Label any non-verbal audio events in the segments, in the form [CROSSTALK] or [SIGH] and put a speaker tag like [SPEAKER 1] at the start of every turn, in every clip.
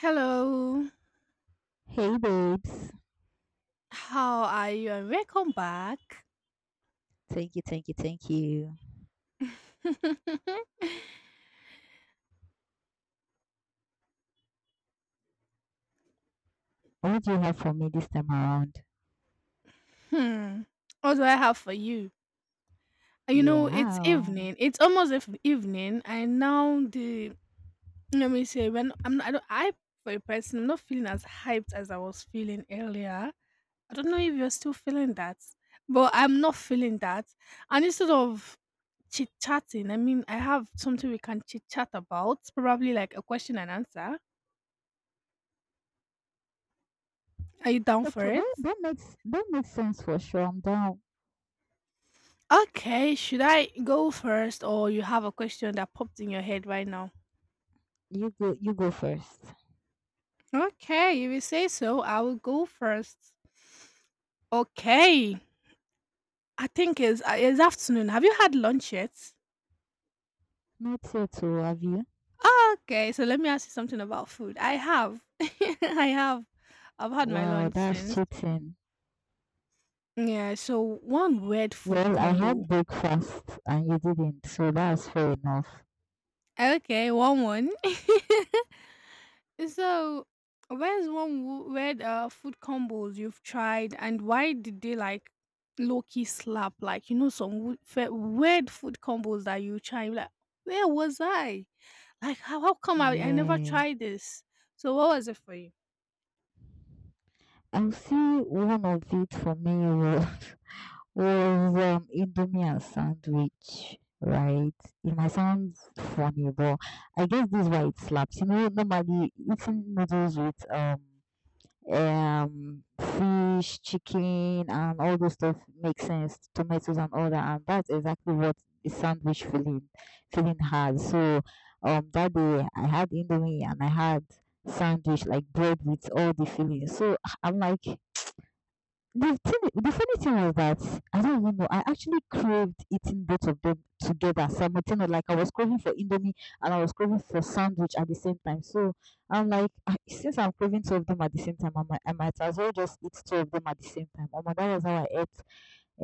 [SPEAKER 1] Hello,
[SPEAKER 2] Hey babes.
[SPEAKER 1] how are you? And welcome back.
[SPEAKER 2] Thank you, thank you, thank you.
[SPEAKER 1] [LAUGHS]
[SPEAKER 2] What do you have for me this time around?
[SPEAKER 1] hmm, what do I have for you? It's
[SPEAKER 2] Yeah.
[SPEAKER 1] evening. It's almost evening, and now the let me say, when I'm not, I don't, I, for a person, I'm not feeling as hyped as I was feeling earlier. I don't know if you're still feeling that, but I'm not feeling that. And instead of chit chatting, I mean, I have something we can chit chat about. Probably like a question and answer. Are you down for
[SPEAKER 2] Okay,
[SPEAKER 1] it?
[SPEAKER 2] that makes that makes sense for sure. I'm down.
[SPEAKER 1] Okay, should I go first, or you have a question that popped in your head right now?
[SPEAKER 2] You go first.
[SPEAKER 1] Okay, if you say so, I will go first. Okay, I think it's afternoon. Have you had lunch yet?
[SPEAKER 2] Not yet too, have you?
[SPEAKER 1] Okay, so let me ask you something about food. I have. [LAUGHS] I have. I've had my
[SPEAKER 2] Wow,
[SPEAKER 1] lunch
[SPEAKER 2] that's
[SPEAKER 1] since.
[SPEAKER 2] cheating.
[SPEAKER 1] Yeah, so one weird food
[SPEAKER 2] Well, I
[SPEAKER 1] combo.
[SPEAKER 2] had breakfast and you didn't, so that's fair enough.
[SPEAKER 1] Okay, one. [LAUGHS] So, where's one weird food combos you've tried, and why did they like low key slap? Like, some weird food combos that you try. Like, where was I? Like, how come I never
[SPEAKER 2] Yeah.
[SPEAKER 1] tried this? So, what was it for you?
[SPEAKER 2] I'll see one of it for me. Well, was indomie and sandwich, right? It might sound funny, but I guess this is why it slaps. Normally eating noodles with fish, chicken, and all those stuff makes sense. Tomatoes and all that, and that's exactly what the sandwich feeling has. So that day I had indomie and I had sandwich like bread with all the fillings. So I'm like the thing, the funny thing was that I don't even know. I actually craved eating both of them together simultaneously. Like I was craving for Indomie and I was craving for sandwich at the same time. So I'm like, "Ah, since I'm craving two of them at the same time, I might as well just eat two of them at the same time. Oh my, that was how I ate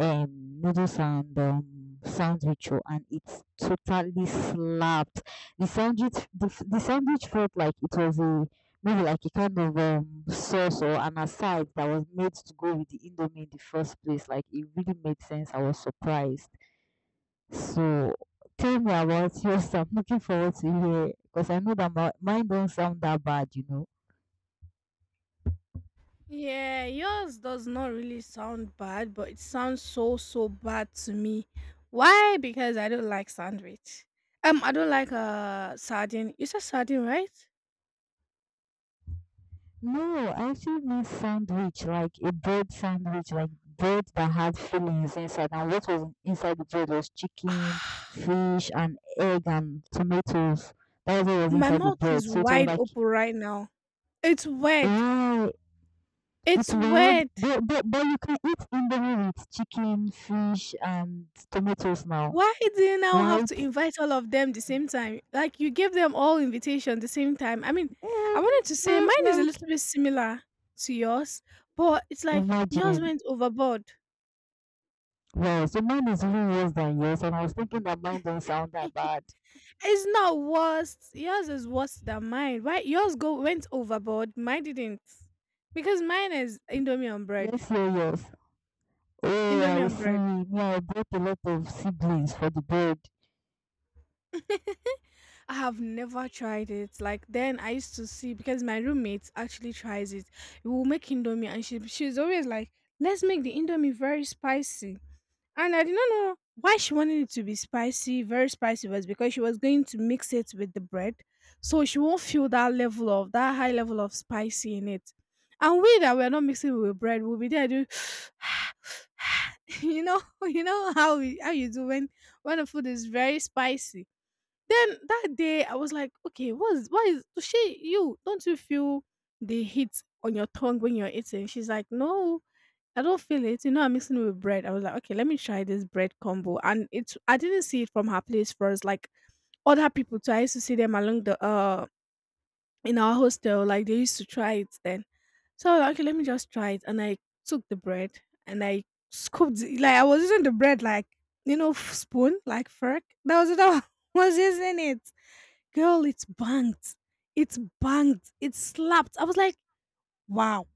[SPEAKER 2] um noodles and sandwich oh, and it totally slapped. The sandwich felt like it was a maybe like a kind of sauce or an aside that was made to go with the indomie in the first place. Like it really made sense. I was surprised. So tell me about [LAUGHS] yours. I'm looking forward to hear because I know that mine don't sound that bad, you know.
[SPEAKER 1] Yeah, yours does not really sound bad, but it sounds so so bad to me. Why? Because I don't like sandwich. I don't like sardine. You said sardine, right?
[SPEAKER 2] No, I actually means sandwich, like a bread sandwich, like bread that had fillings inside. And what was inside the bread was chicken,
[SPEAKER 1] [SIGHS]
[SPEAKER 2] fish, and egg and tomatoes. That was what was
[SPEAKER 1] My
[SPEAKER 2] inside the
[SPEAKER 1] mouth
[SPEAKER 2] bread.
[SPEAKER 1] is
[SPEAKER 2] So it was
[SPEAKER 1] wide
[SPEAKER 2] like,
[SPEAKER 1] open right now. It's weird.
[SPEAKER 2] wow, it's
[SPEAKER 1] It's
[SPEAKER 2] weird.
[SPEAKER 1] weird.
[SPEAKER 2] But you can eat Indomie with chicken, fish, and tomatoes now,
[SPEAKER 1] Why do you now have
[SPEAKER 2] right?
[SPEAKER 1] to invite all of them the same time? Like, you give them all invitation the same time. I mean, I
[SPEAKER 2] Um,
[SPEAKER 1] wanted to say
[SPEAKER 2] but
[SPEAKER 1] mine is a
[SPEAKER 2] like,
[SPEAKER 1] little bit similar to yours, but it's like yours
[SPEAKER 2] imagine.
[SPEAKER 1] went overboard.
[SPEAKER 2] Well, so mine is even worse than yours, and I was thinking that mine don't sound that bad.
[SPEAKER 1] It's not worse. Yours is worse than mine. Why yours go went overboard? Mine didn't. Because mine is Indomie on bread.
[SPEAKER 2] Let's hear yours. Oh,
[SPEAKER 1] Indomie
[SPEAKER 2] I
[SPEAKER 1] on
[SPEAKER 2] see.
[SPEAKER 1] bread.
[SPEAKER 2] Me, I brought a lot of siblings for the bed.
[SPEAKER 1] [LAUGHS] I have never tried it. Like, then I used to see, because my roommate actually tries it. We'll make indomie, and she's always like, let's make the indomie very spicy. And I did not know why she wanted it to be spicy. Very spicy was because she was going to mix it with the bread. So she won't feel that level of that high level of spicy in it. And we, that we're not mixing with bread, we'll be there do [SIGHS] you know [LAUGHS] you know how you do when the food is very spicy, then that day I was like, okay, what's, why is so, she, you don't, you feel the heat on your tongue when you're eating? She's like, no, I don't feel it. You know, I'm mixing it with bread. I was like, okay, let me try this bread combo. And it's, I didn't see it from her place first. Like, other people too. I used to see them along the in our hostel, like they used to try it then. So I was like, okay, let me just try it. And I took the bread and I scooped it, like I was using the bread like, spoon, like fork. That was it. [LAUGHS] I was using it. Girl, it's banged. It's banged. It slapped. I was like, wow.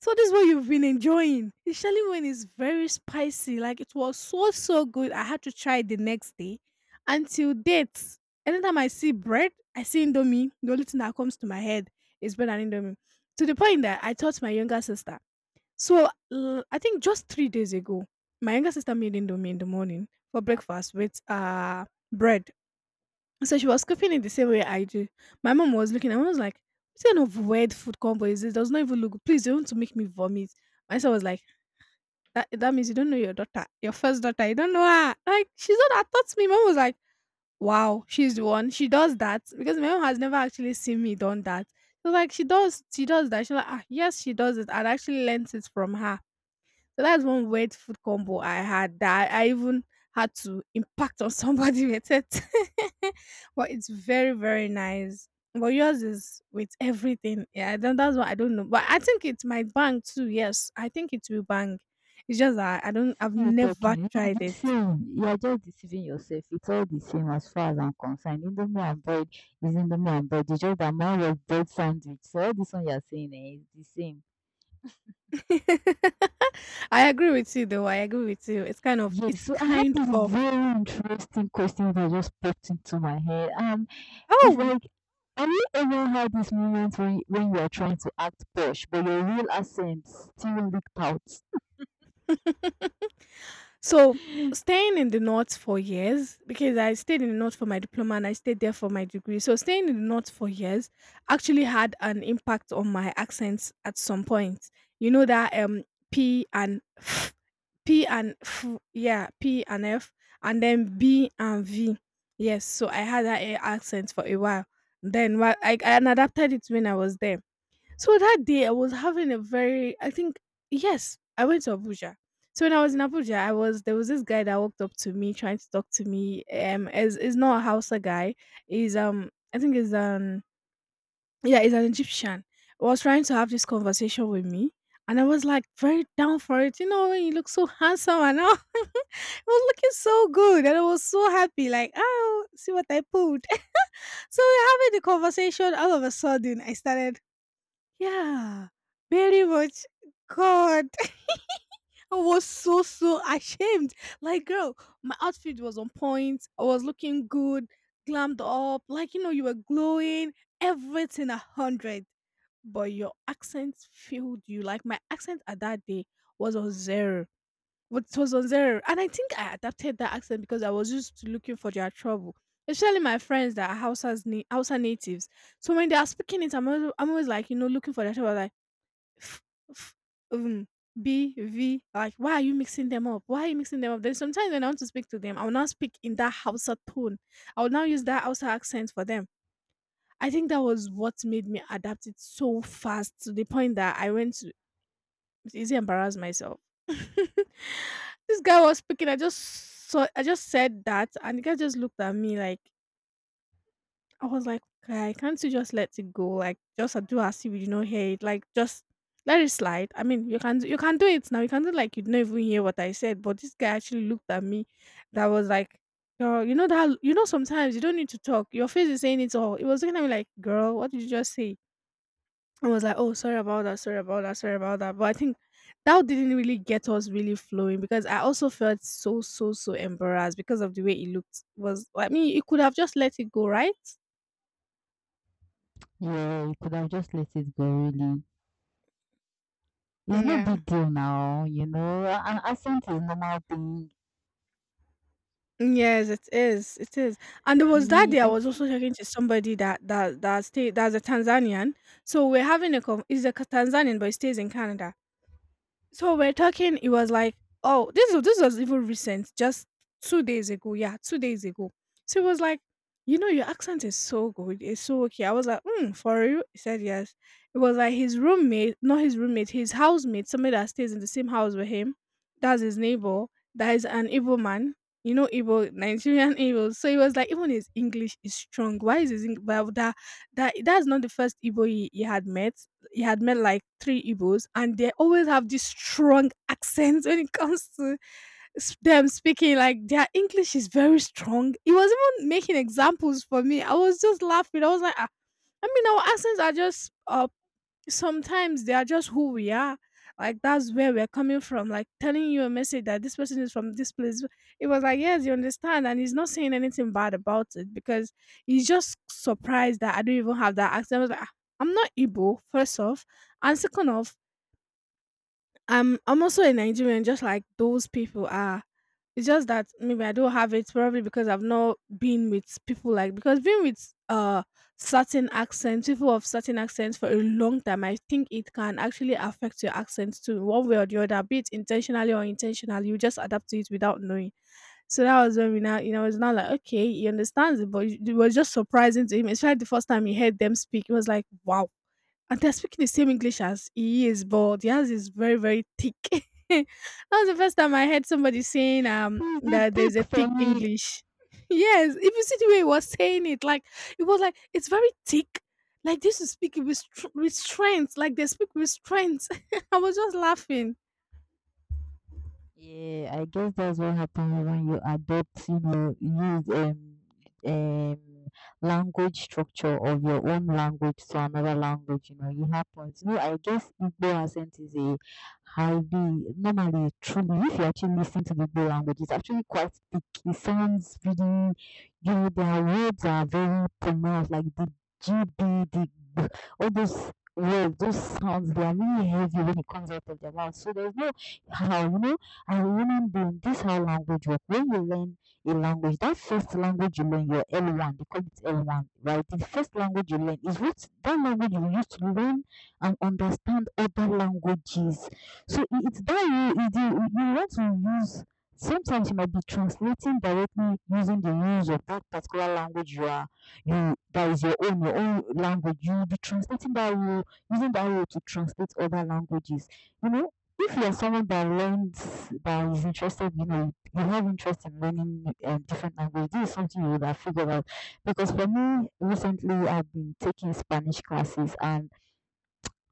[SPEAKER 1] So this is what you've been enjoying, especially when it's very spicy. Like, it was so so good. I had to try it the next day. Until date. Anytime I see bread, I see Indomie. The only thing that comes to my head is bread and Indomie. To the point that I taught my younger sister. So I think just 3 days ago, my younger sister made Indomie in the morning for breakfast with bread, so she was cooking it the same way I do. My mom was looking and I was like, what kind of weird food combo is this? Does not even look good. Please, you want to make me vomit. My son was like, that means you don't know your daughter, your first daughter. You don't know her. Like, she's not that taught me. Mom was like, wow, she's the one. She does that. Because my mom has never actually seen me done that. So like, she does that. She's like, ah, yes, she does it. I actually learned it from her. So that's one weird food combo I had that I even had to impact on [LAUGHS] somebody with it. [LAUGHS] But it's very, very nice. But yours is with everything. Yeah, I don't, that's what I don't know. But I think it might bang too. Yes, I think it will bang. It's just that I don't,
[SPEAKER 2] See
[SPEAKER 1] I've
[SPEAKER 2] you
[SPEAKER 1] never
[SPEAKER 2] talking. It's
[SPEAKER 1] tried it.
[SPEAKER 2] the same. You are just deceiving yourself. It's all the same as far as I'm concerned. Indomie and bread is Indomie and bread. It's just that mine was bread sandwich. So all this one you are saying eh, is the same.
[SPEAKER 1] [LAUGHS] I agree with you though. I agree with you. It's kind of,
[SPEAKER 2] Yes,
[SPEAKER 1] it's
[SPEAKER 2] so I have
[SPEAKER 1] kind
[SPEAKER 2] this
[SPEAKER 1] of,
[SPEAKER 2] very interesting question that just popped into my head. It's
[SPEAKER 1] oh.
[SPEAKER 2] like, have you ever had this moment when you are trying to act posh, but your real accent still leaked out?
[SPEAKER 1] [LAUGHS] So
[SPEAKER 2] [LAUGHS]
[SPEAKER 1] staying in the north for years, because I stayed in the north for my diploma and I stayed there for my degree. So staying in the north for years actually had an impact on my accents at some point. You know that P and F, P and F, yeah, P and F, and then B and V. Yes, so I had that accent for a while. Then while I adapted it when I was there, so that day I was having a very, I think, yes, I went to Abuja. So when I was in Abuja, I was there was this guy that walked up to me trying to talk to me. Is not a Hausa guy. He's I think he's an, yeah, he's an Egyptian. Was trying to have this conversation with me. And I was like very down for it. When you look so [LAUGHS] handsome, and all, [LAUGHS] it was looking so good, and I was so happy. Like, oh, see what I pulled. [LAUGHS] So we're having the conversation. All of a sudden, I started, yeah, very much. God, [LAUGHS] I was so so ashamed. Like, girl, my outfit was on point. I was looking good, glammed up. Like, you were glowing. Everything a hundred, but your accent failed you. Like, my accent at that day was on zero. What was on zero, and I think I adapted that accent because I was used to looking for their trouble. Especially my friends that are Hausa's Hausa natives. So when they are speaking it, I'm always like, looking for their trouble. Like, f- f- um, B, V. Like, why are you mixing them up? Why are you mixing them up? Then sometimes when I want to speak to them, I will now speak in that Hausa tone. I will now use that Hausa accent for them. I think that was what made me adapt it so fast, to the point that I went to easily embarrass myself. [LAUGHS] This guy was speaking. I just saw. I just said that, and the guy just looked at me like, I was like, "Guy, can't you just let it go? Like, just do as if you did not hear it. Like, just let it slide. I mean, you can do it now. You can do like you didn't even hear what I said." But this guy actually looked at me. That was like, "Girl, you know that, you know sometimes you don't need to talk. Your face is saying it all." It was looking at me like, "Girl, what did you just say?" I was like, "Oh, sorry about that. Sorry about that. Sorry about that." But I think that didn't really get us really flowing, because I also felt so so so embarrassed because of the way it looked. Was I mean, you could have just let it go, right?
[SPEAKER 2] Yeah, you could have just let it go, really. It's no
[SPEAKER 1] Yeah.
[SPEAKER 2] big deal now, you know. An accent is normal thing.
[SPEAKER 1] Yes, it is. It is. And there was that
[SPEAKER 2] Me,
[SPEAKER 1] day I
[SPEAKER 2] I
[SPEAKER 1] was
[SPEAKER 2] think
[SPEAKER 1] also talking to somebody that that that stay that's a Tanzanian. So we're having a com. He's a Tanzanian, but he stays in Canada. So we're talking. It was like, oh, this was even recent, just 2 days ago. Yeah, 2 days ago. So it was like, you know, your accent is so good. It's so okay. I was like, mm, for you? He said yes. It was like his roommate, not his roommate, his housemate, somebody that stays in the same house with him. That's his neighbor. That is an Igbo man. You know, Igbo, Nigerian [LAUGHS] Igbo. So it was like, even his English is strong. Why is his English? That, that's not the first Igbo he had met, he had met like three Igbos, and they always have this strong accent when it comes to them speaking. Like, their English is very strong. He was even making examples for me. I was just laughing. I was like, ah, I mean, our accents are just sometimes they are just who we are. Like that's where we're coming from. Like telling you a message that this person is from this place. It was like, yes, you understand, and he's not saying anything bad about it because he's just surprised that I don't even have that accent. I was like, "Ah, I'm not Igbo, first off, and second off, I'm also a Nigerian, just like those people are. It's just that maybe I don't have it probably because I've not been with people like because being with certain accents, people of certain accents for a long time, I think it can actually affect your accents too, one way or the other, be it intentionally or intentionally. You just adapt to it without knowing. So that was when we now, you know, it's now like okay, he understands it, but it was just surprising to him, especially the first time he heard them speak. It was like, wow, and they're speaking the same English as he is, but theirs is very, very thick. [LAUGHS] That was the first time I heard somebody saying
[SPEAKER 2] it's the
[SPEAKER 1] that there's
[SPEAKER 2] thick
[SPEAKER 1] a
[SPEAKER 2] for
[SPEAKER 1] thick
[SPEAKER 2] me.
[SPEAKER 1] English. [LAUGHS] Yes, if you see the way he was saying it, like it was like it's very thick. Like this is speaking with with strength, like they speak with strength. [LAUGHS] I was just laughing.
[SPEAKER 2] Yeah, I guess that's what happens when you adopt, you know, use um language structure of your own language to another language, you know, it happens. No, I guess Igbo accent is a highly normally truly if you actually listen to the Igbo language, it's actually quite thick. It sounds really you know, their words are very pronounced, like the G B the B, all those words, those sounds they are really heavy when it comes out of their mouth. So there's no how you know and remember, this is how language work. When you learn a language, that first language you learn, your L1, they call it L1, right? The first language you learn is what that language you use to learn and understand other languages. So it's that you you want to use. Sometimes you might be translating directly using the rules of that particular language you are you that is your own language. You will be translating that rule using that rule to translate other languages, you know, if you're someone that learns that is interested, you know, you have interest in learning different language, this is something you would have figured out because for me recently I've been taking Spanish classes and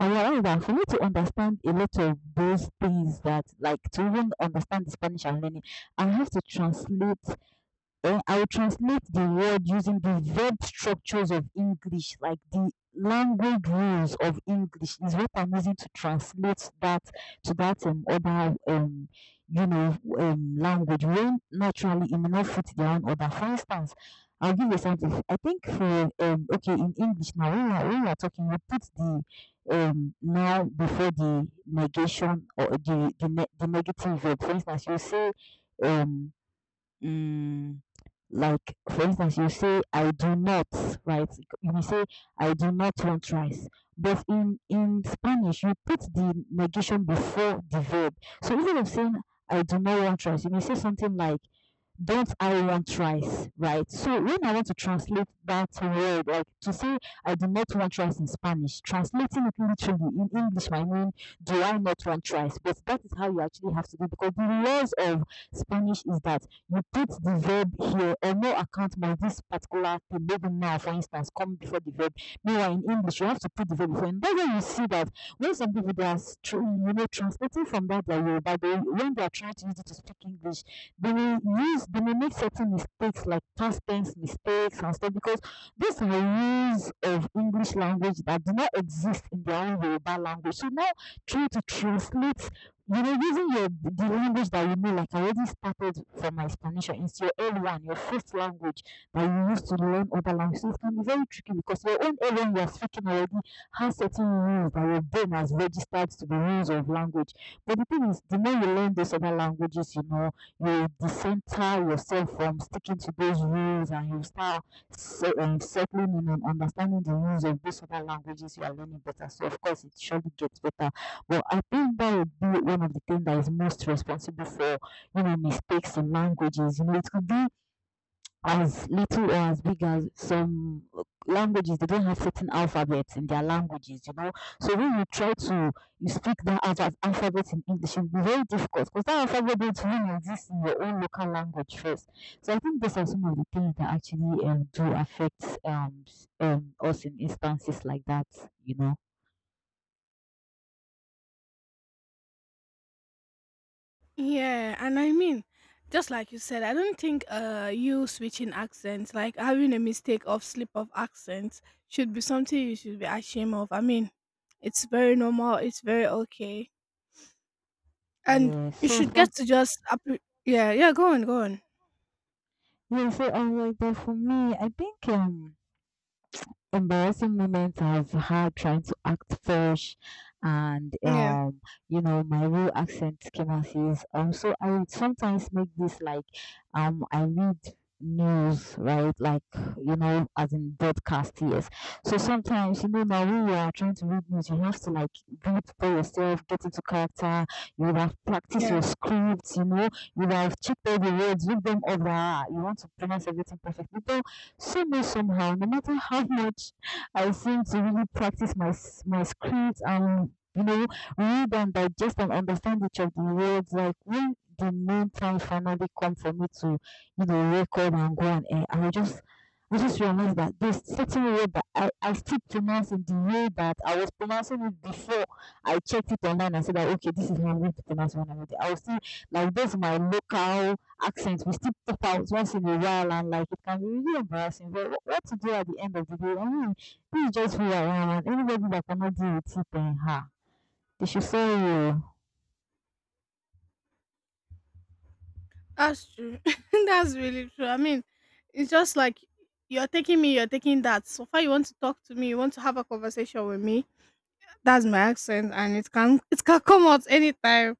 [SPEAKER 2] I realized that for me to understand a lot of those things that like to even understand the Spanish I'm learning I have to translate or I'll translate the word using the verb structures of English, like the language rules of English is what I'm using to translate that to that other you know language when naturally it may not fit their own order. For instance, I'll give you something. I think for okay in English now when we're talking we put the now before the negation or the negative verb. For instance, you say um mm, like, for instance, you say, I do not, right? You may say, I do not want rice. But in Spanish, you put the negation before the verb. So instead of saying, I do not want rice, you may say something like, don't I want rice, right? So when I want to translate that word, like to say I do not want rice in Spanish, translating it literally in English might mean do I not want rice? But that is how you actually have to do because the laws of Spanish is that you put the verb here on no account might this particular thing, maybe now for instance, come before the verb. Meanwhile in English you have to put the verb before and that's why you see that when some people they are, you know, translating from that their Yoruba, when they are trying to use it to speak English they will use they may make certain mistakes like past tense mistakes and stuff because these are rules of English language that do not exist in their own Yoruba language. So now trying to translate, you know, using your the language that you know, like I already started from my explanation, it's your L1, your first language that you use to learn other languages. So it can be very tricky because your own L1 you are speaking already has certain rules that your brain has registered to the rules of language. But the thing is, the more you learn those other languages, you know, you dissenter yourself from sticking to those rules and you start settling in and understanding the rules of those other languages you are learning better. So, of course, it surely gets better. But I think that would be one of the things that is most responsible for, you know, mistakes in languages. You know, it could be as little or as big as some languages they don't have certain alphabets in their languages, you know, so when you try to you speak that alphabet in English it will be very difficult because that alphabet don't even exist in your own local language first. So I think those are some of the things that actually do affect us in instances like that, you know.
[SPEAKER 1] Yeah, and I mean, just like you said, I don't think you switching accents, like having a mistake of slip of accents, should be something you should be ashamed of. I mean, it's very normal. It's very okay, and
[SPEAKER 2] Yeah
[SPEAKER 1] you
[SPEAKER 2] so
[SPEAKER 1] should
[SPEAKER 2] from
[SPEAKER 1] get to just yeah, yeah. Go on, go on.
[SPEAKER 2] yeah so I like that for me I think embarrassing moments I've had trying to act fresh and
[SPEAKER 1] Yeah,
[SPEAKER 2] you know my real accent came out is so I would sometimes make this like I read news right like you know as in broadcast yes so sometimes you know now when you are trying to read news you have to like read for yourself get into character you would have practiced your
[SPEAKER 1] yeah.
[SPEAKER 2] scripts you know you would have checked all the words look them over you want to pronounce everything perfectly somehow, somehow, no matter how [LAUGHS] much I seem to really practice my script and you know read and digest and understand each of the words, like when the main time finally come for me to, you know, record and go on air, I will just I just realized that there's certain word that I still pronounce in the way that I was pronouncing it before I checked it online and said that okay, this is how I'm going to pronounce when I'm ready. I was still like this is my local accent. We still pop out once in a while and like it can be really embarrassing. But what to do at the end of the day? I mean, please just who around. And anybody that cannot deal with it and her. They should say you.
[SPEAKER 1] That's true. [LAUGHS] That's really true. I mean, it's just like you're taking me, you're taking that. So far, you want to talk to me, you want to have a conversation with me. That's my accent, and it can come out anytime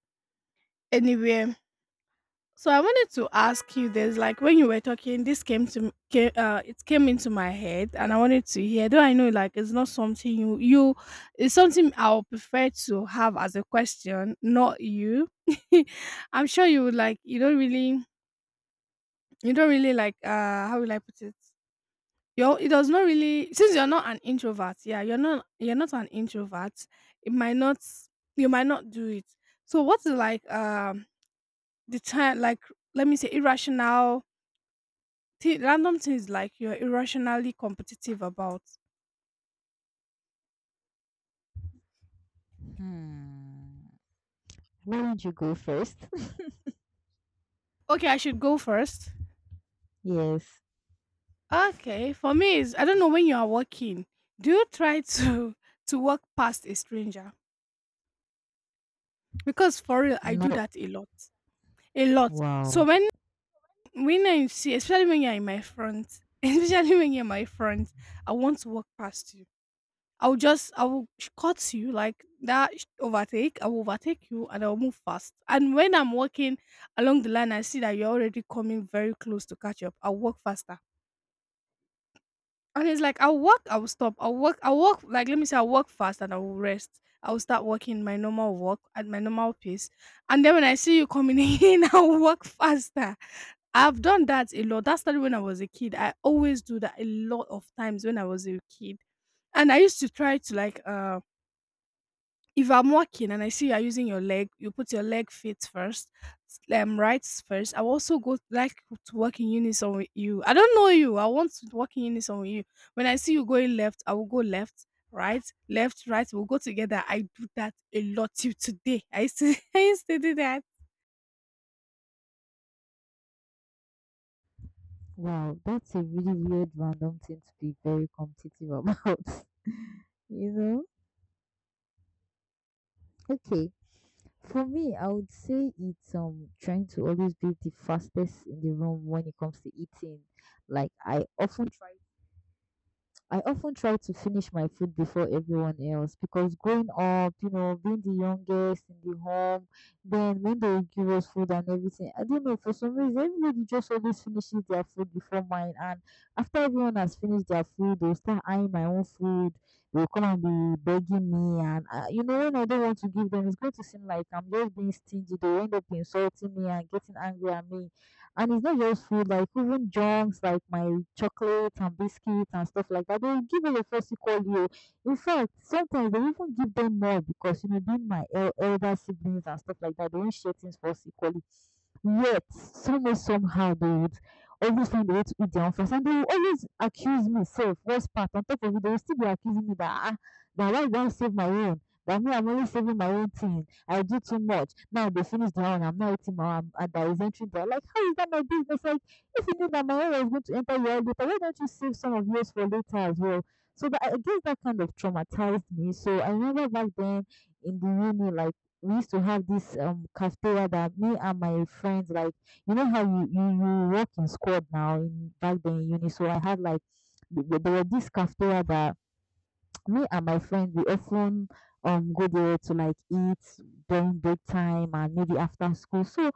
[SPEAKER 1] anywhere. So I wanted to ask you this, like when you were talking, this came to it came into my head, and I wanted to hear. Though I know, like, it's not something you, it's something I'll prefer to have as a question, not you. [LAUGHS] I'm sure you would like. You don't really like. How will I put it? You it does not really since you're not an introvert. Yeah, you're not an introvert. It might not you might not do it. So what's like the time like let me say irrational random things like you're irrationally competitive about.
[SPEAKER 2] Hmm. Why don't you go first? [LAUGHS]
[SPEAKER 1] Okay, I should go first.
[SPEAKER 2] Yes.
[SPEAKER 1] Okay, for me is I don't know when you are walking. Do you try to [LAUGHS] to walk past a stranger? Because for real, I do
[SPEAKER 2] No.
[SPEAKER 1] that a lot, a lot. So
[SPEAKER 2] Wow.
[SPEAKER 1] when I see, especially when you're in my front, [LAUGHS] especially when you're in my front, I want to walk past you. I'll just I will cut you like that overtake. I will overtake you and I'll move fast. And when I'm walking along the line, I see that you're already coming very close to catch up. I'll walk faster. And it's like I'll walk, I'll stop. I'll walk like let me say I'll walk fast and I will rest. I will start walking my normal walk at my normal pace. And then when I see you coming [LAUGHS] in, I'll walk faster. I've done that a lot. That started when I was a kid. I always do that a lot of times when I was a kid. And I used to try to like if I'm walking and I see you are using your leg, you put your leg feet first, right first. I will also go like to work in unison with you. I don't know you. I want to work in unison with you. When I see you going left, I will go left, right, left, right. We'll go together. I do that a lot till today. I used to, [LAUGHS] I used to do that.
[SPEAKER 2] Wow. That's a really weird, random thing to be very competitive about. [LAUGHS] You know? Okay. For me, I would say it's trying to always be the fastest in the room when it comes to eating. Like I often try I often try to finish my food before everyone else because growing up, you know, being the youngest in the home, then when they give us food and everything, I don't know, for some reason, everybody just always finishes their food before mine. And after everyone has finished their food, they'll start eyeing my own food. They'll come and be begging me. And, you know, when I don't want to give them, it's going to seem like I'm just being stingy. They'll end up insulting me and getting angry at me, and it's not just food, like even junks, like my chocolates and biscuits and stuff like that. They'll give you the first equal you. In fact, sometimes they even give them more because, you know, being my elder siblings and stuff like that, they won't share things first equally. Yet, somehow, somehow, they would always find a way to eat their own first. And they will always accuse me, self, worst part. On top of it, they will still be accusing me that, ah, that why you don't save my own? That me, I'm only saving my own thing. I do too much. Now they finish their own, I'm not eating my own, and that is entering there. Like, how is that my business? Like, if you knew that my own was going to enter your head later, why don't you save some of yours for later as well? So that, I guess that kind of traumatized me. So I remember back then in the uni, like, we used to have this cafeteria that me and my friends like, you know how you work in squad now in back then in uni, so I had like there were this cafeteria that me and my friends we often go there to like eat during break time and maybe after school. So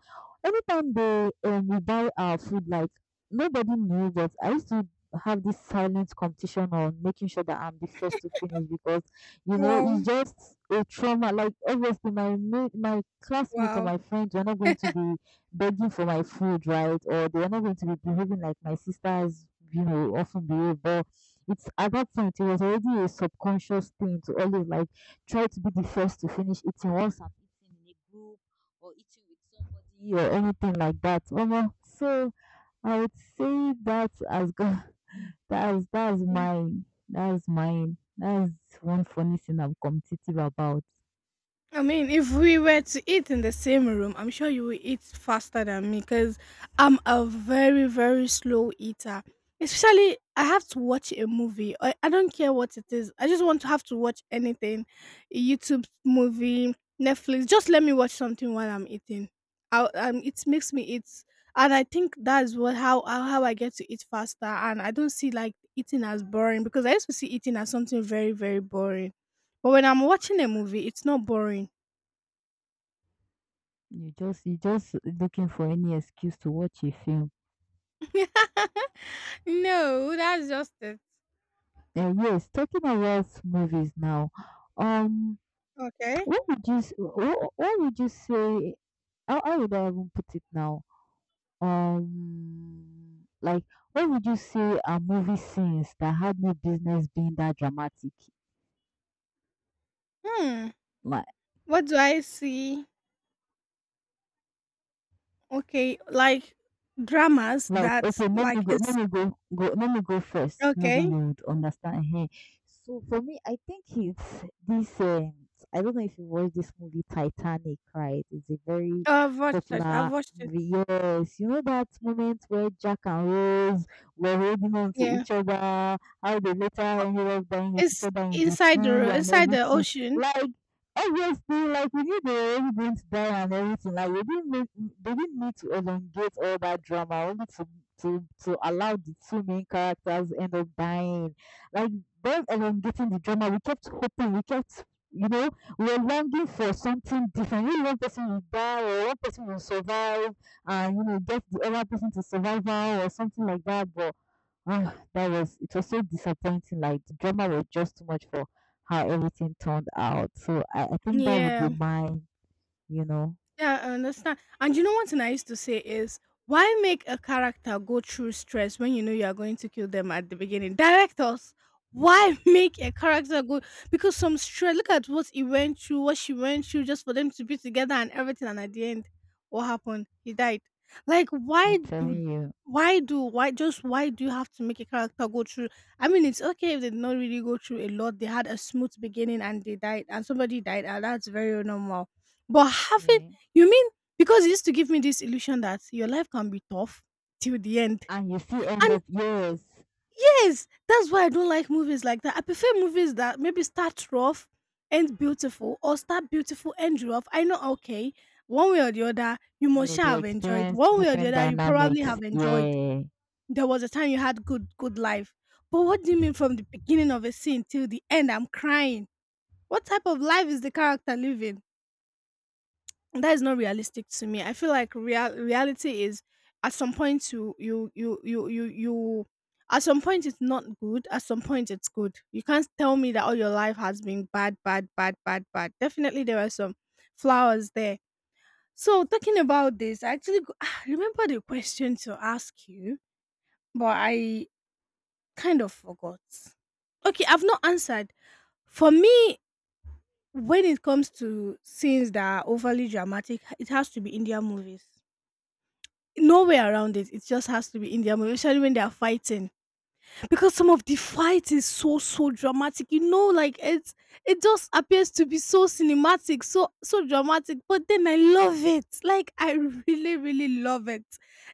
[SPEAKER 2] anytime they we buy our food, like nobody knew, but I used to have this silent competition on making sure that I'm the first to finish because you know it's
[SPEAKER 1] Wow.
[SPEAKER 2] just a trauma. Like obviously my mate, my classmates or
[SPEAKER 1] Wow.
[SPEAKER 2] my friends are not going to be begging for my food, right? Or they are not going to be behaving like my sisters, you know, often behave. But it's at that point it was already a subconscious thing to always like try to be the first to finish eating once I'm eating in a group or eating with somebody or anything like that. Omo, so I would say that as go, [LAUGHS] that's mine. That's mine. That's one funny thing I'm competitive about.
[SPEAKER 1] I mean, if we were to eat in the same room, I'm sure you will eat faster than me because I'm a very, very slow eater. Especially, I have to watch a movie. I don't care what it is. I just want to have to watch anything a YouTube movie, Netflix. Just let me watch something while I'm eating. I, it makes me eat. And I think that's what how I get to eat faster. And I don't see like eating as boring because I used to see eating as something very, very boring. But when I'm watching a movie, it's not boring.
[SPEAKER 2] You just looking for any excuse to watch a film.
[SPEAKER 1] [LAUGHS] No, that's just it.
[SPEAKER 2] And yes, talking about movies now. Um
[SPEAKER 1] Okay.
[SPEAKER 2] what would you s- what would you say? How would I even put it now? Like where would you say are movie scenes that had no business being that dramatic?
[SPEAKER 1] Hmm.
[SPEAKER 2] Like.
[SPEAKER 1] What do I see? Okay, like dramas
[SPEAKER 2] Like,
[SPEAKER 1] that
[SPEAKER 2] okay,
[SPEAKER 1] like it's
[SPEAKER 2] let me go first. Maybe
[SPEAKER 1] okay.
[SPEAKER 2] you'd understand. Hey, so for me, I think it's this. I don't know if you watched this movie Titanic, right? It's a very
[SPEAKER 1] Oh, I've watched it. I've
[SPEAKER 2] popular
[SPEAKER 1] watched it.
[SPEAKER 2] movie. Yes, you know that moment where Jack and Rose were holding on to
[SPEAKER 1] Yeah.
[SPEAKER 2] each other, how they later
[SPEAKER 1] Oh,
[SPEAKER 2] ended up dying with each
[SPEAKER 1] it's
[SPEAKER 2] other in the
[SPEAKER 1] inside the
[SPEAKER 2] sea and
[SPEAKER 1] inside the
[SPEAKER 2] everything.
[SPEAKER 1] ocean.
[SPEAKER 2] Like, obviously, like we knew they were already going to die and everything. Like we didn't make, they didn't need to elongate all that drama only to to allow the two main characters end up dying. Like them elongating the drama, we kept hoping, we kept, you know, we were longing for something different. Maybe one person will die or one person will survive and you know get the other person to survival or something like that. But ah, that was, it was so disappointing. Like the drama was just too much for how everything turned out. So I think that would
[SPEAKER 1] Yeah.
[SPEAKER 2] be mine, you know.
[SPEAKER 1] Yeah, I understand. And you know what I used to say is, why make a character go through stress when you know you are going to kill them at the beginning? Directors, why [LAUGHS] make a character go? Because some stress. Look at what he went through, what she went through, just for them to be together and everything. And at the end, what happened? He died. Like,
[SPEAKER 2] I'm
[SPEAKER 1] why do?
[SPEAKER 2] telling you.
[SPEAKER 1] Why just why do you have to make a character go through? I mean, it's okay if they did not really go through a lot. They had a smooth beginning and they died, and somebody died, and that's very normal. But having
[SPEAKER 2] Yeah.
[SPEAKER 1] you mean because it used to give me this illusion that your life can be tough till the end.
[SPEAKER 2] And you see, end
[SPEAKER 1] And
[SPEAKER 2] of years,
[SPEAKER 1] yes, that's why I don't like movies like that. I prefer movies that maybe start rough, end beautiful, or start beautiful, end rough. I know, okay, one way or the other, you must
[SPEAKER 2] yeah,
[SPEAKER 1] shall
[SPEAKER 2] they
[SPEAKER 1] have enjoyed.
[SPEAKER 2] experience
[SPEAKER 1] One way or the
[SPEAKER 2] different
[SPEAKER 1] other, you probably
[SPEAKER 2] dynamics.
[SPEAKER 1] have enjoyed.
[SPEAKER 2] Yeah.
[SPEAKER 1] There was a time you had good, good life. But what do you mean from the beginning of a scene till the end? I'm crying. What type of life is the character living? That is not realistic to me. I feel like real reality is at some point you at some point it's not good. At some point it's good. You can't tell me that all your life has been bad, bad, bad, bad, bad. Definitely there are some flowers there. So talking about this, I actually go, [SIGHS] I remember the question to ask you, but I kind of forgot. Okay, I've not answered. For me, when it comes to scenes that are overly dramatic, it has to be Indian movies. No way around it. It just has to be in their movie, especially when they are fighting. Because some of the fight is so, so dramatic, you know, like it just appears to be so cinematic, so so dramatic, but then I love it. Like I really, really love it.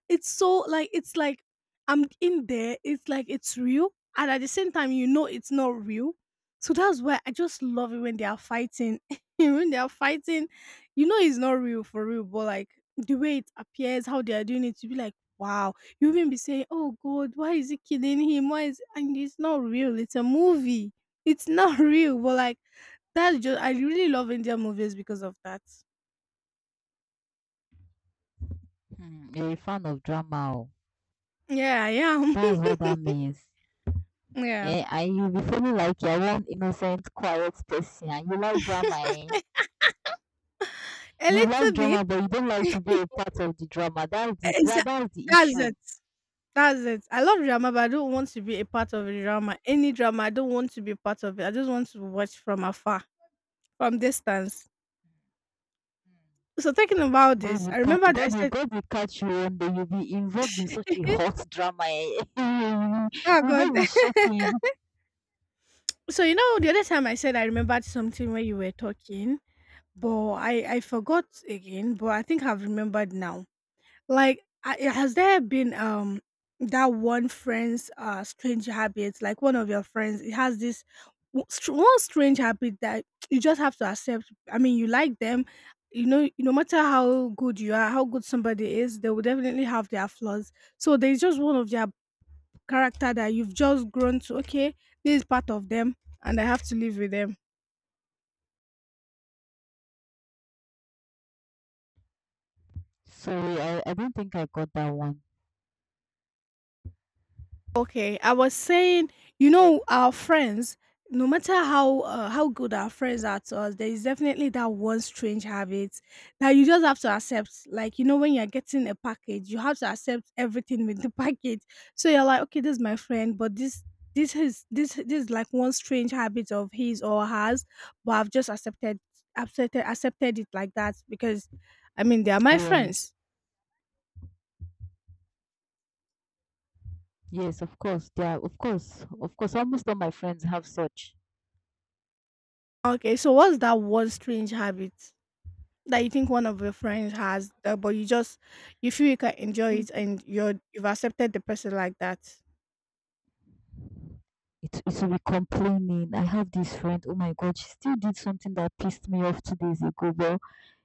[SPEAKER 1] It's so like it's like I'm in there, it's like it's real, and at the same time, you know it's not real. So that's why I just love it when they are fighting. [LAUGHS] When they are fighting, you know it's not real for real, but like the way it appears, how they are doing it, you be like, wow, you even be saying, "Oh God, why is he killing him? Why is?" And it's not real. It's a movie. It's not [LAUGHS] real. But like that's just I really love Indian movies because of that.
[SPEAKER 2] Hmm, you're a fan of drama. Oh.
[SPEAKER 1] Yeah, I am.
[SPEAKER 2] That's what that means.
[SPEAKER 1] [LAUGHS] Yeah,
[SPEAKER 2] Eh, and you be feeling like you're one innocent, quiet person and you like drama, eh?
[SPEAKER 1] a
[SPEAKER 2] You like
[SPEAKER 1] little bit.
[SPEAKER 2] drama but you don't like to be
[SPEAKER 1] [LAUGHS]
[SPEAKER 2] a part of the drama.
[SPEAKER 1] Exa-
[SPEAKER 2] That's the
[SPEAKER 1] That's
[SPEAKER 2] issue.
[SPEAKER 1] it. That's it. I love drama, but I don't want to be a part of a drama. Any drama, I don't want to be part of it. I just want to watch from afar, from distance. So talking about
[SPEAKER 2] God
[SPEAKER 1] this,
[SPEAKER 2] will
[SPEAKER 1] I
[SPEAKER 2] ca-
[SPEAKER 1] remember I said,
[SPEAKER 2] God will catch you one day. You'll be involved in such a hot drama. Eh. [LAUGHS]
[SPEAKER 1] "Oh
[SPEAKER 2] You'll
[SPEAKER 1] God."
[SPEAKER 2] just be shaking.
[SPEAKER 1] [LAUGHS] So you know, the other time I said I remembered something when you were talking. But I forgot again, but I think I've remembered now. Like, I, has there been that one friend's strange habit? Like one of your friends, it has this one strange habit that you just have to accept. I mean, you like them, you know. No matter how good you are, how good somebody is, they will definitely have their flaws. So there's just one of their character that you've just grown to. Okay, this is part of them, and I have to live with them.
[SPEAKER 2] Sorry, I don't think I got that one.
[SPEAKER 1] Okay, I was saying, you know, our friends, no matter how good our friends are to us, there is definitely that one strange habit that you just have to accept. Like, you know, when you're getting a package, you have to accept everything with the [LAUGHS] package. So you're like, okay, this is my friend, but this is like one strange habit of his or hers, but I've just accepted it like that because I mean they are my
[SPEAKER 2] Yeah.
[SPEAKER 1] friends.
[SPEAKER 2] Yes, of course. There are, of course. Of course. Almost all my friends have such.
[SPEAKER 1] Okay, so what's that one strange habit that you think one of your friends has that but you feel you can enjoy it
[SPEAKER 2] It,
[SPEAKER 1] and you've accepted the person like that.
[SPEAKER 2] it will be complaining. I have this friend. Oh my god, she still did something that pissed me off 2 days ago. Well,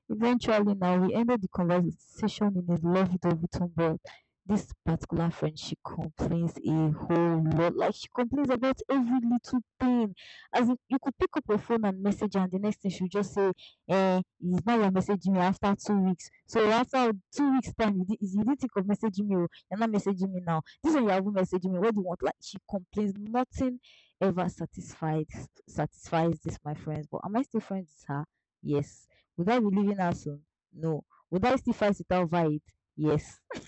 [SPEAKER 2] eventually now we ended the conversation in a love it or leave, but this particular friend, she complains a whole lot. Like she complains about every little thing. As in, you could pick up your phone and message her and the next thing she'll just say, eh, it's not your messaging me after 2 weeks. So after 2 weeks time you, you didn't think of messaging me. Oh, you're not messaging me now. This one you haven't messaged me. What do you want? Like she complains, nothing ever satisfies this my friends. But am I still friends with her? Yes. Would I be leaving her soon? No. Would I still fight with her over it? Yes. [LAUGHS]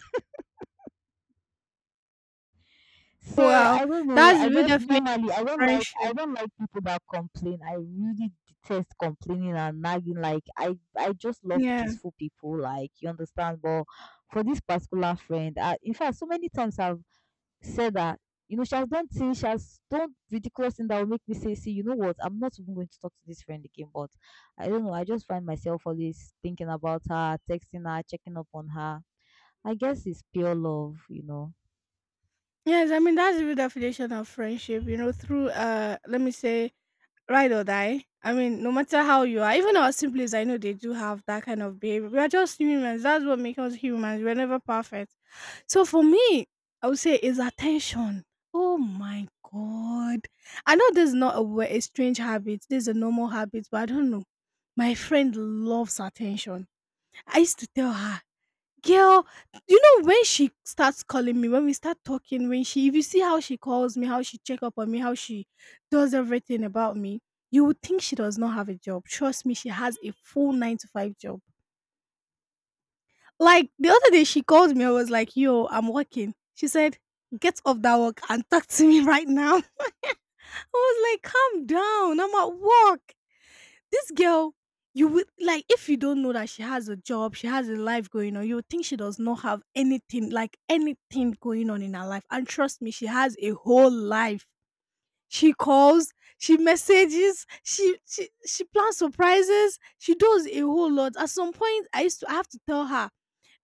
[SPEAKER 2] So
[SPEAKER 1] Wow,
[SPEAKER 2] I don't know.
[SPEAKER 1] that's
[SPEAKER 2] I
[SPEAKER 1] the real
[SPEAKER 2] just
[SPEAKER 1] definition
[SPEAKER 2] normally
[SPEAKER 1] of friendship.
[SPEAKER 2] I don't like people that complain. I really detest complaining and nagging. Like I just love
[SPEAKER 1] Yeah.
[SPEAKER 2] peaceful people. Like you understand. But for this particular friend, I, in fact, so many times I've said that, you know, she has done things, she has done ridiculous things that will make me say, see, you know what? I'm not even going to talk to this friend again. But I don't know. I just find myself always thinking about her, texting her, checking up on her. I guess it's pure love, you know.
[SPEAKER 1] Yes, I mean that's the real definition of friendship, through let me say ride or die. I mean no matter how you are, even our siblings, I know they do have that kind of behavior. We are just humans. That's what makes us humans. We're never perfect. So for me, I would say it's attention. Oh my god. I know this is not a, a strange habit. This is a normal habit, but I don't know. My friend loves attention. I used to tell her, girl, you know when she starts calling me, when we start talking, when she if you see how she calls me, how she check up on me, how she does everything about me, you would think she does not have a job. Trust me, she has a full nine to five job. Like the other day, she called me. I was like, "Yo, I'm working." She said, "Get off that work and [LAUGHS] talk to me right now." [LAUGHS] I was like, "Calm down. I'm at work." This girl, you would like if you don't know that she has a job, she has a life going on. You would think she does not have anything, like anything going on in her life. And trust me, she has a whole life. She calls, she messages, she plans surprises. She does a whole lot. At some point, I have to tell her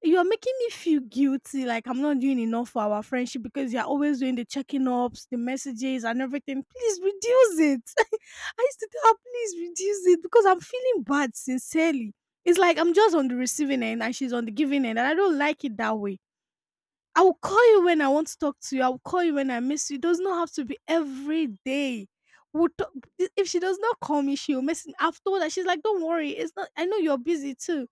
[SPEAKER 1] you're making me feel guilty, like I'm not doing enough for our friendship because you're always doing the checking ups, the messages, and everything. Please reduce it. [LAUGHS] I used to tell her, please reduce it because I'm feeling bad, sincerely. It's like I'm just on the receiving end and she's on the giving end, and I don't like it that way. I will call you when I want to talk to you. I will call you when I miss you. It does not have to be every day. We'll talk. If she does not call me, she'll message me. I've told her, she's like, don't worry. It's not, I know you're busy too.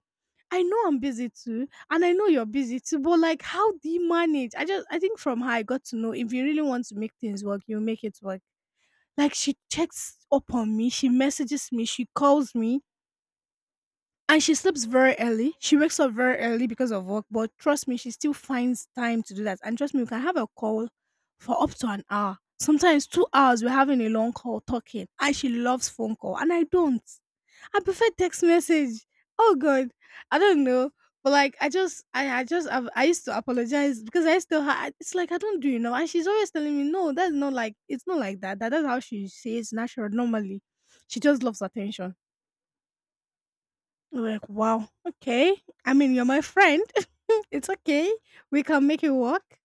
[SPEAKER 1] I know I'm busy too, and I know you're busy too, but like, how do you manage? I just, I think from her, I got to know if you really want to make things work, you make it work. Like, she checks up on me, she messages me, she calls me. And she sleeps very early. She wakes up very early because of work, but trust me, she still finds time to do that. And trust me, we can have a call for up to an hour. Sometimes 2 hours we're having a long call talking. And she loves phone call. And I don't. I prefer text message. Oh god. I don't know. But like I just I just I used to apologize because I still it's like I don't do enough. And she's always telling me no, that's not like it's not like that's how she says natural normally. She just loves attention. Like, wow, okay. I mean, you're my friend. [LAUGHS] It's okay. We can make it work.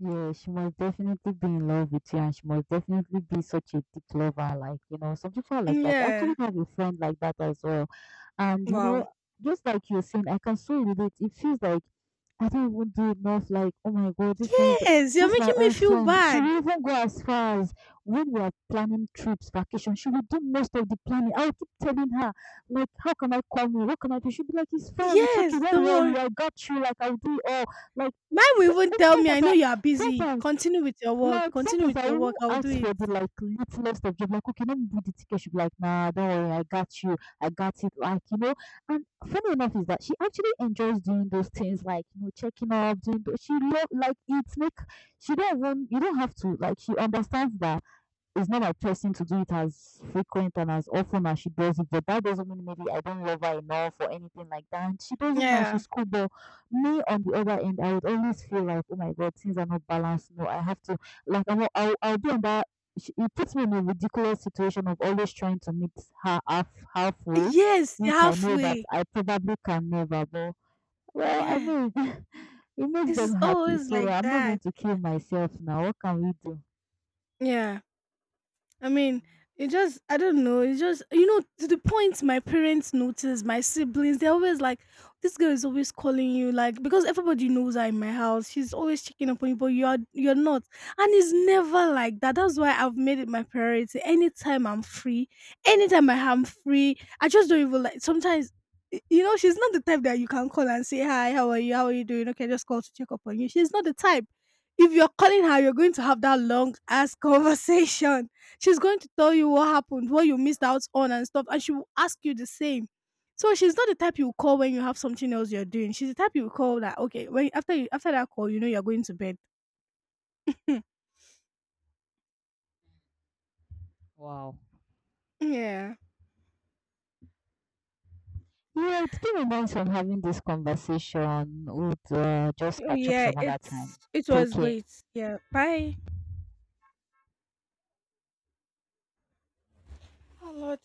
[SPEAKER 2] Yeah, she must definitely be in love with you, and she must definitely be such a deep lover. Like, you know, some people are like that. I actually
[SPEAKER 1] Yeah.
[SPEAKER 2] have a friend like that as well. And, you know,
[SPEAKER 1] Wow.
[SPEAKER 2] just like you're saying, I can so relate. It feels like I don't even do enough. Like, oh my God, this friend is,
[SPEAKER 1] Yes, you're
[SPEAKER 2] this is my
[SPEAKER 1] making me
[SPEAKER 2] own
[SPEAKER 1] feel
[SPEAKER 2] friend. She
[SPEAKER 1] bad.
[SPEAKER 2] will even go as far as when we are planning trips, vacation, she will do most of the planning. I'll keep telling her, like, how can I come you? What can I do? She'll be like, it's fine, it's okay,
[SPEAKER 1] Yes,
[SPEAKER 2] don't
[SPEAKER 1] don't
[SPEAKER 2] worry,
[SPEAKER 1] worry.
[SPEAKER 2] I got you. Like, I'll do it all. Like,
[SPEAKER 1] Mine
[SPEAKER 2] so
[SPEAKER 1] will even
[SPEAKER 2] if-
[SPEAKER 1] tell me, I
[SPEAKER 2] sometimes I,
[SPEAKER 1] know you are busy.
[SPEAKER 2] sometimes,
[SPEAKER 1] Continue with your work.
[SPEAKER 2] like
[SPEAKER 1] Continue
[SPEAKER 2] sometimes
[SPEAKER 1] with
[SPEAKER 2] I
[SPEAKER 1] your
[SPEAKER 2] even
[SPEAKER 1] work. I will do
[SPEAKER 2] ask
[SPEAKER 1] it.
[SPEAKER 2] for the like littlest of job, like okay, let me do the ticket. She'll be like, nah, don't worry, I got you, I got it. Like you know, and funny enough is that she actually enjoys doing those things, like you know, checking up, doing. Those, she love like it's make, she don't want, you don't have to, like she understands that it's not my person to do it as frequent and as often as she does it, but that doesn't mean maybe I don't love her enough or anything like that. And she doesn't mind,
[SPEAKER 1] Yeah.
[SPEAKER 2] she's cool. But me on the other end, I would always feel like, oh my god, things are not balanced. No, I have to, like I'm not, I'll be on that. It puts me in a ridiculous situation of always trying to meet her halfway,
[SPEAKER 1] Yes,
[SPEAKER 2] which I know that
[SPEAKER 1] halfway.
[SPEAKER 2] I probably can never. But well, I
[SPEAKER 1] Yeah.
[SPEAKER 2] mean, [LAUGHS] it makes them
[SPEAKER 1] It's
[SPEAKER 2] happy,
[SPEAKER 1] always
[SPEAKER 2] so
[SPEAKER 1] like
[SPEAKER 2] I'm not
[SPEAKER 1] that.
[SPEAKER 2] going to kill myself now. What can we do?
[SPEAKER 1] Yeah. I mean, it just, I don't know. It's just, to the point my parents notice, my siblings, they're always like, this girl is always calling you, like, because everybody knows her in my house. She's always checking up on you, but you are, you're not. And it's never like that. That's why I've made it my priority. Anytime I'm free, anytime I am free, I just don't even like, sometimes, you know, she's not the type that you can call and say, hi, how are you? How are you doing? Okay, just call to check up on you. She's not the type. If you're calling her, you're going to have that long ass [LAUGHS] conversation. She's going to tell you what happened, what you missed out on, and stuff, and she will ask you the same. So she's not the type you call when you have something else you're doing. She's the type you call that okay when after that call, you know you're going to bed. Hmm.
[SPEAKER 2] Wow.
[SPEAKER 1] Yeah.
[SPEAKER 2] Yeah, it's been nice of having this conversation. We'll just
[SPEAKER 1] Oh,
[SPEAKER 2] catch up
[SPEAKER 1] yeah.
[SPEAKER 2] some other time.
[SPEAKER 1] It
[SPEAKER 2] Take
[SPEAKER 1] was
[SPEAKER 2] care.
[SPEAKER 1] great. Yeah. Bye. Oh Lord,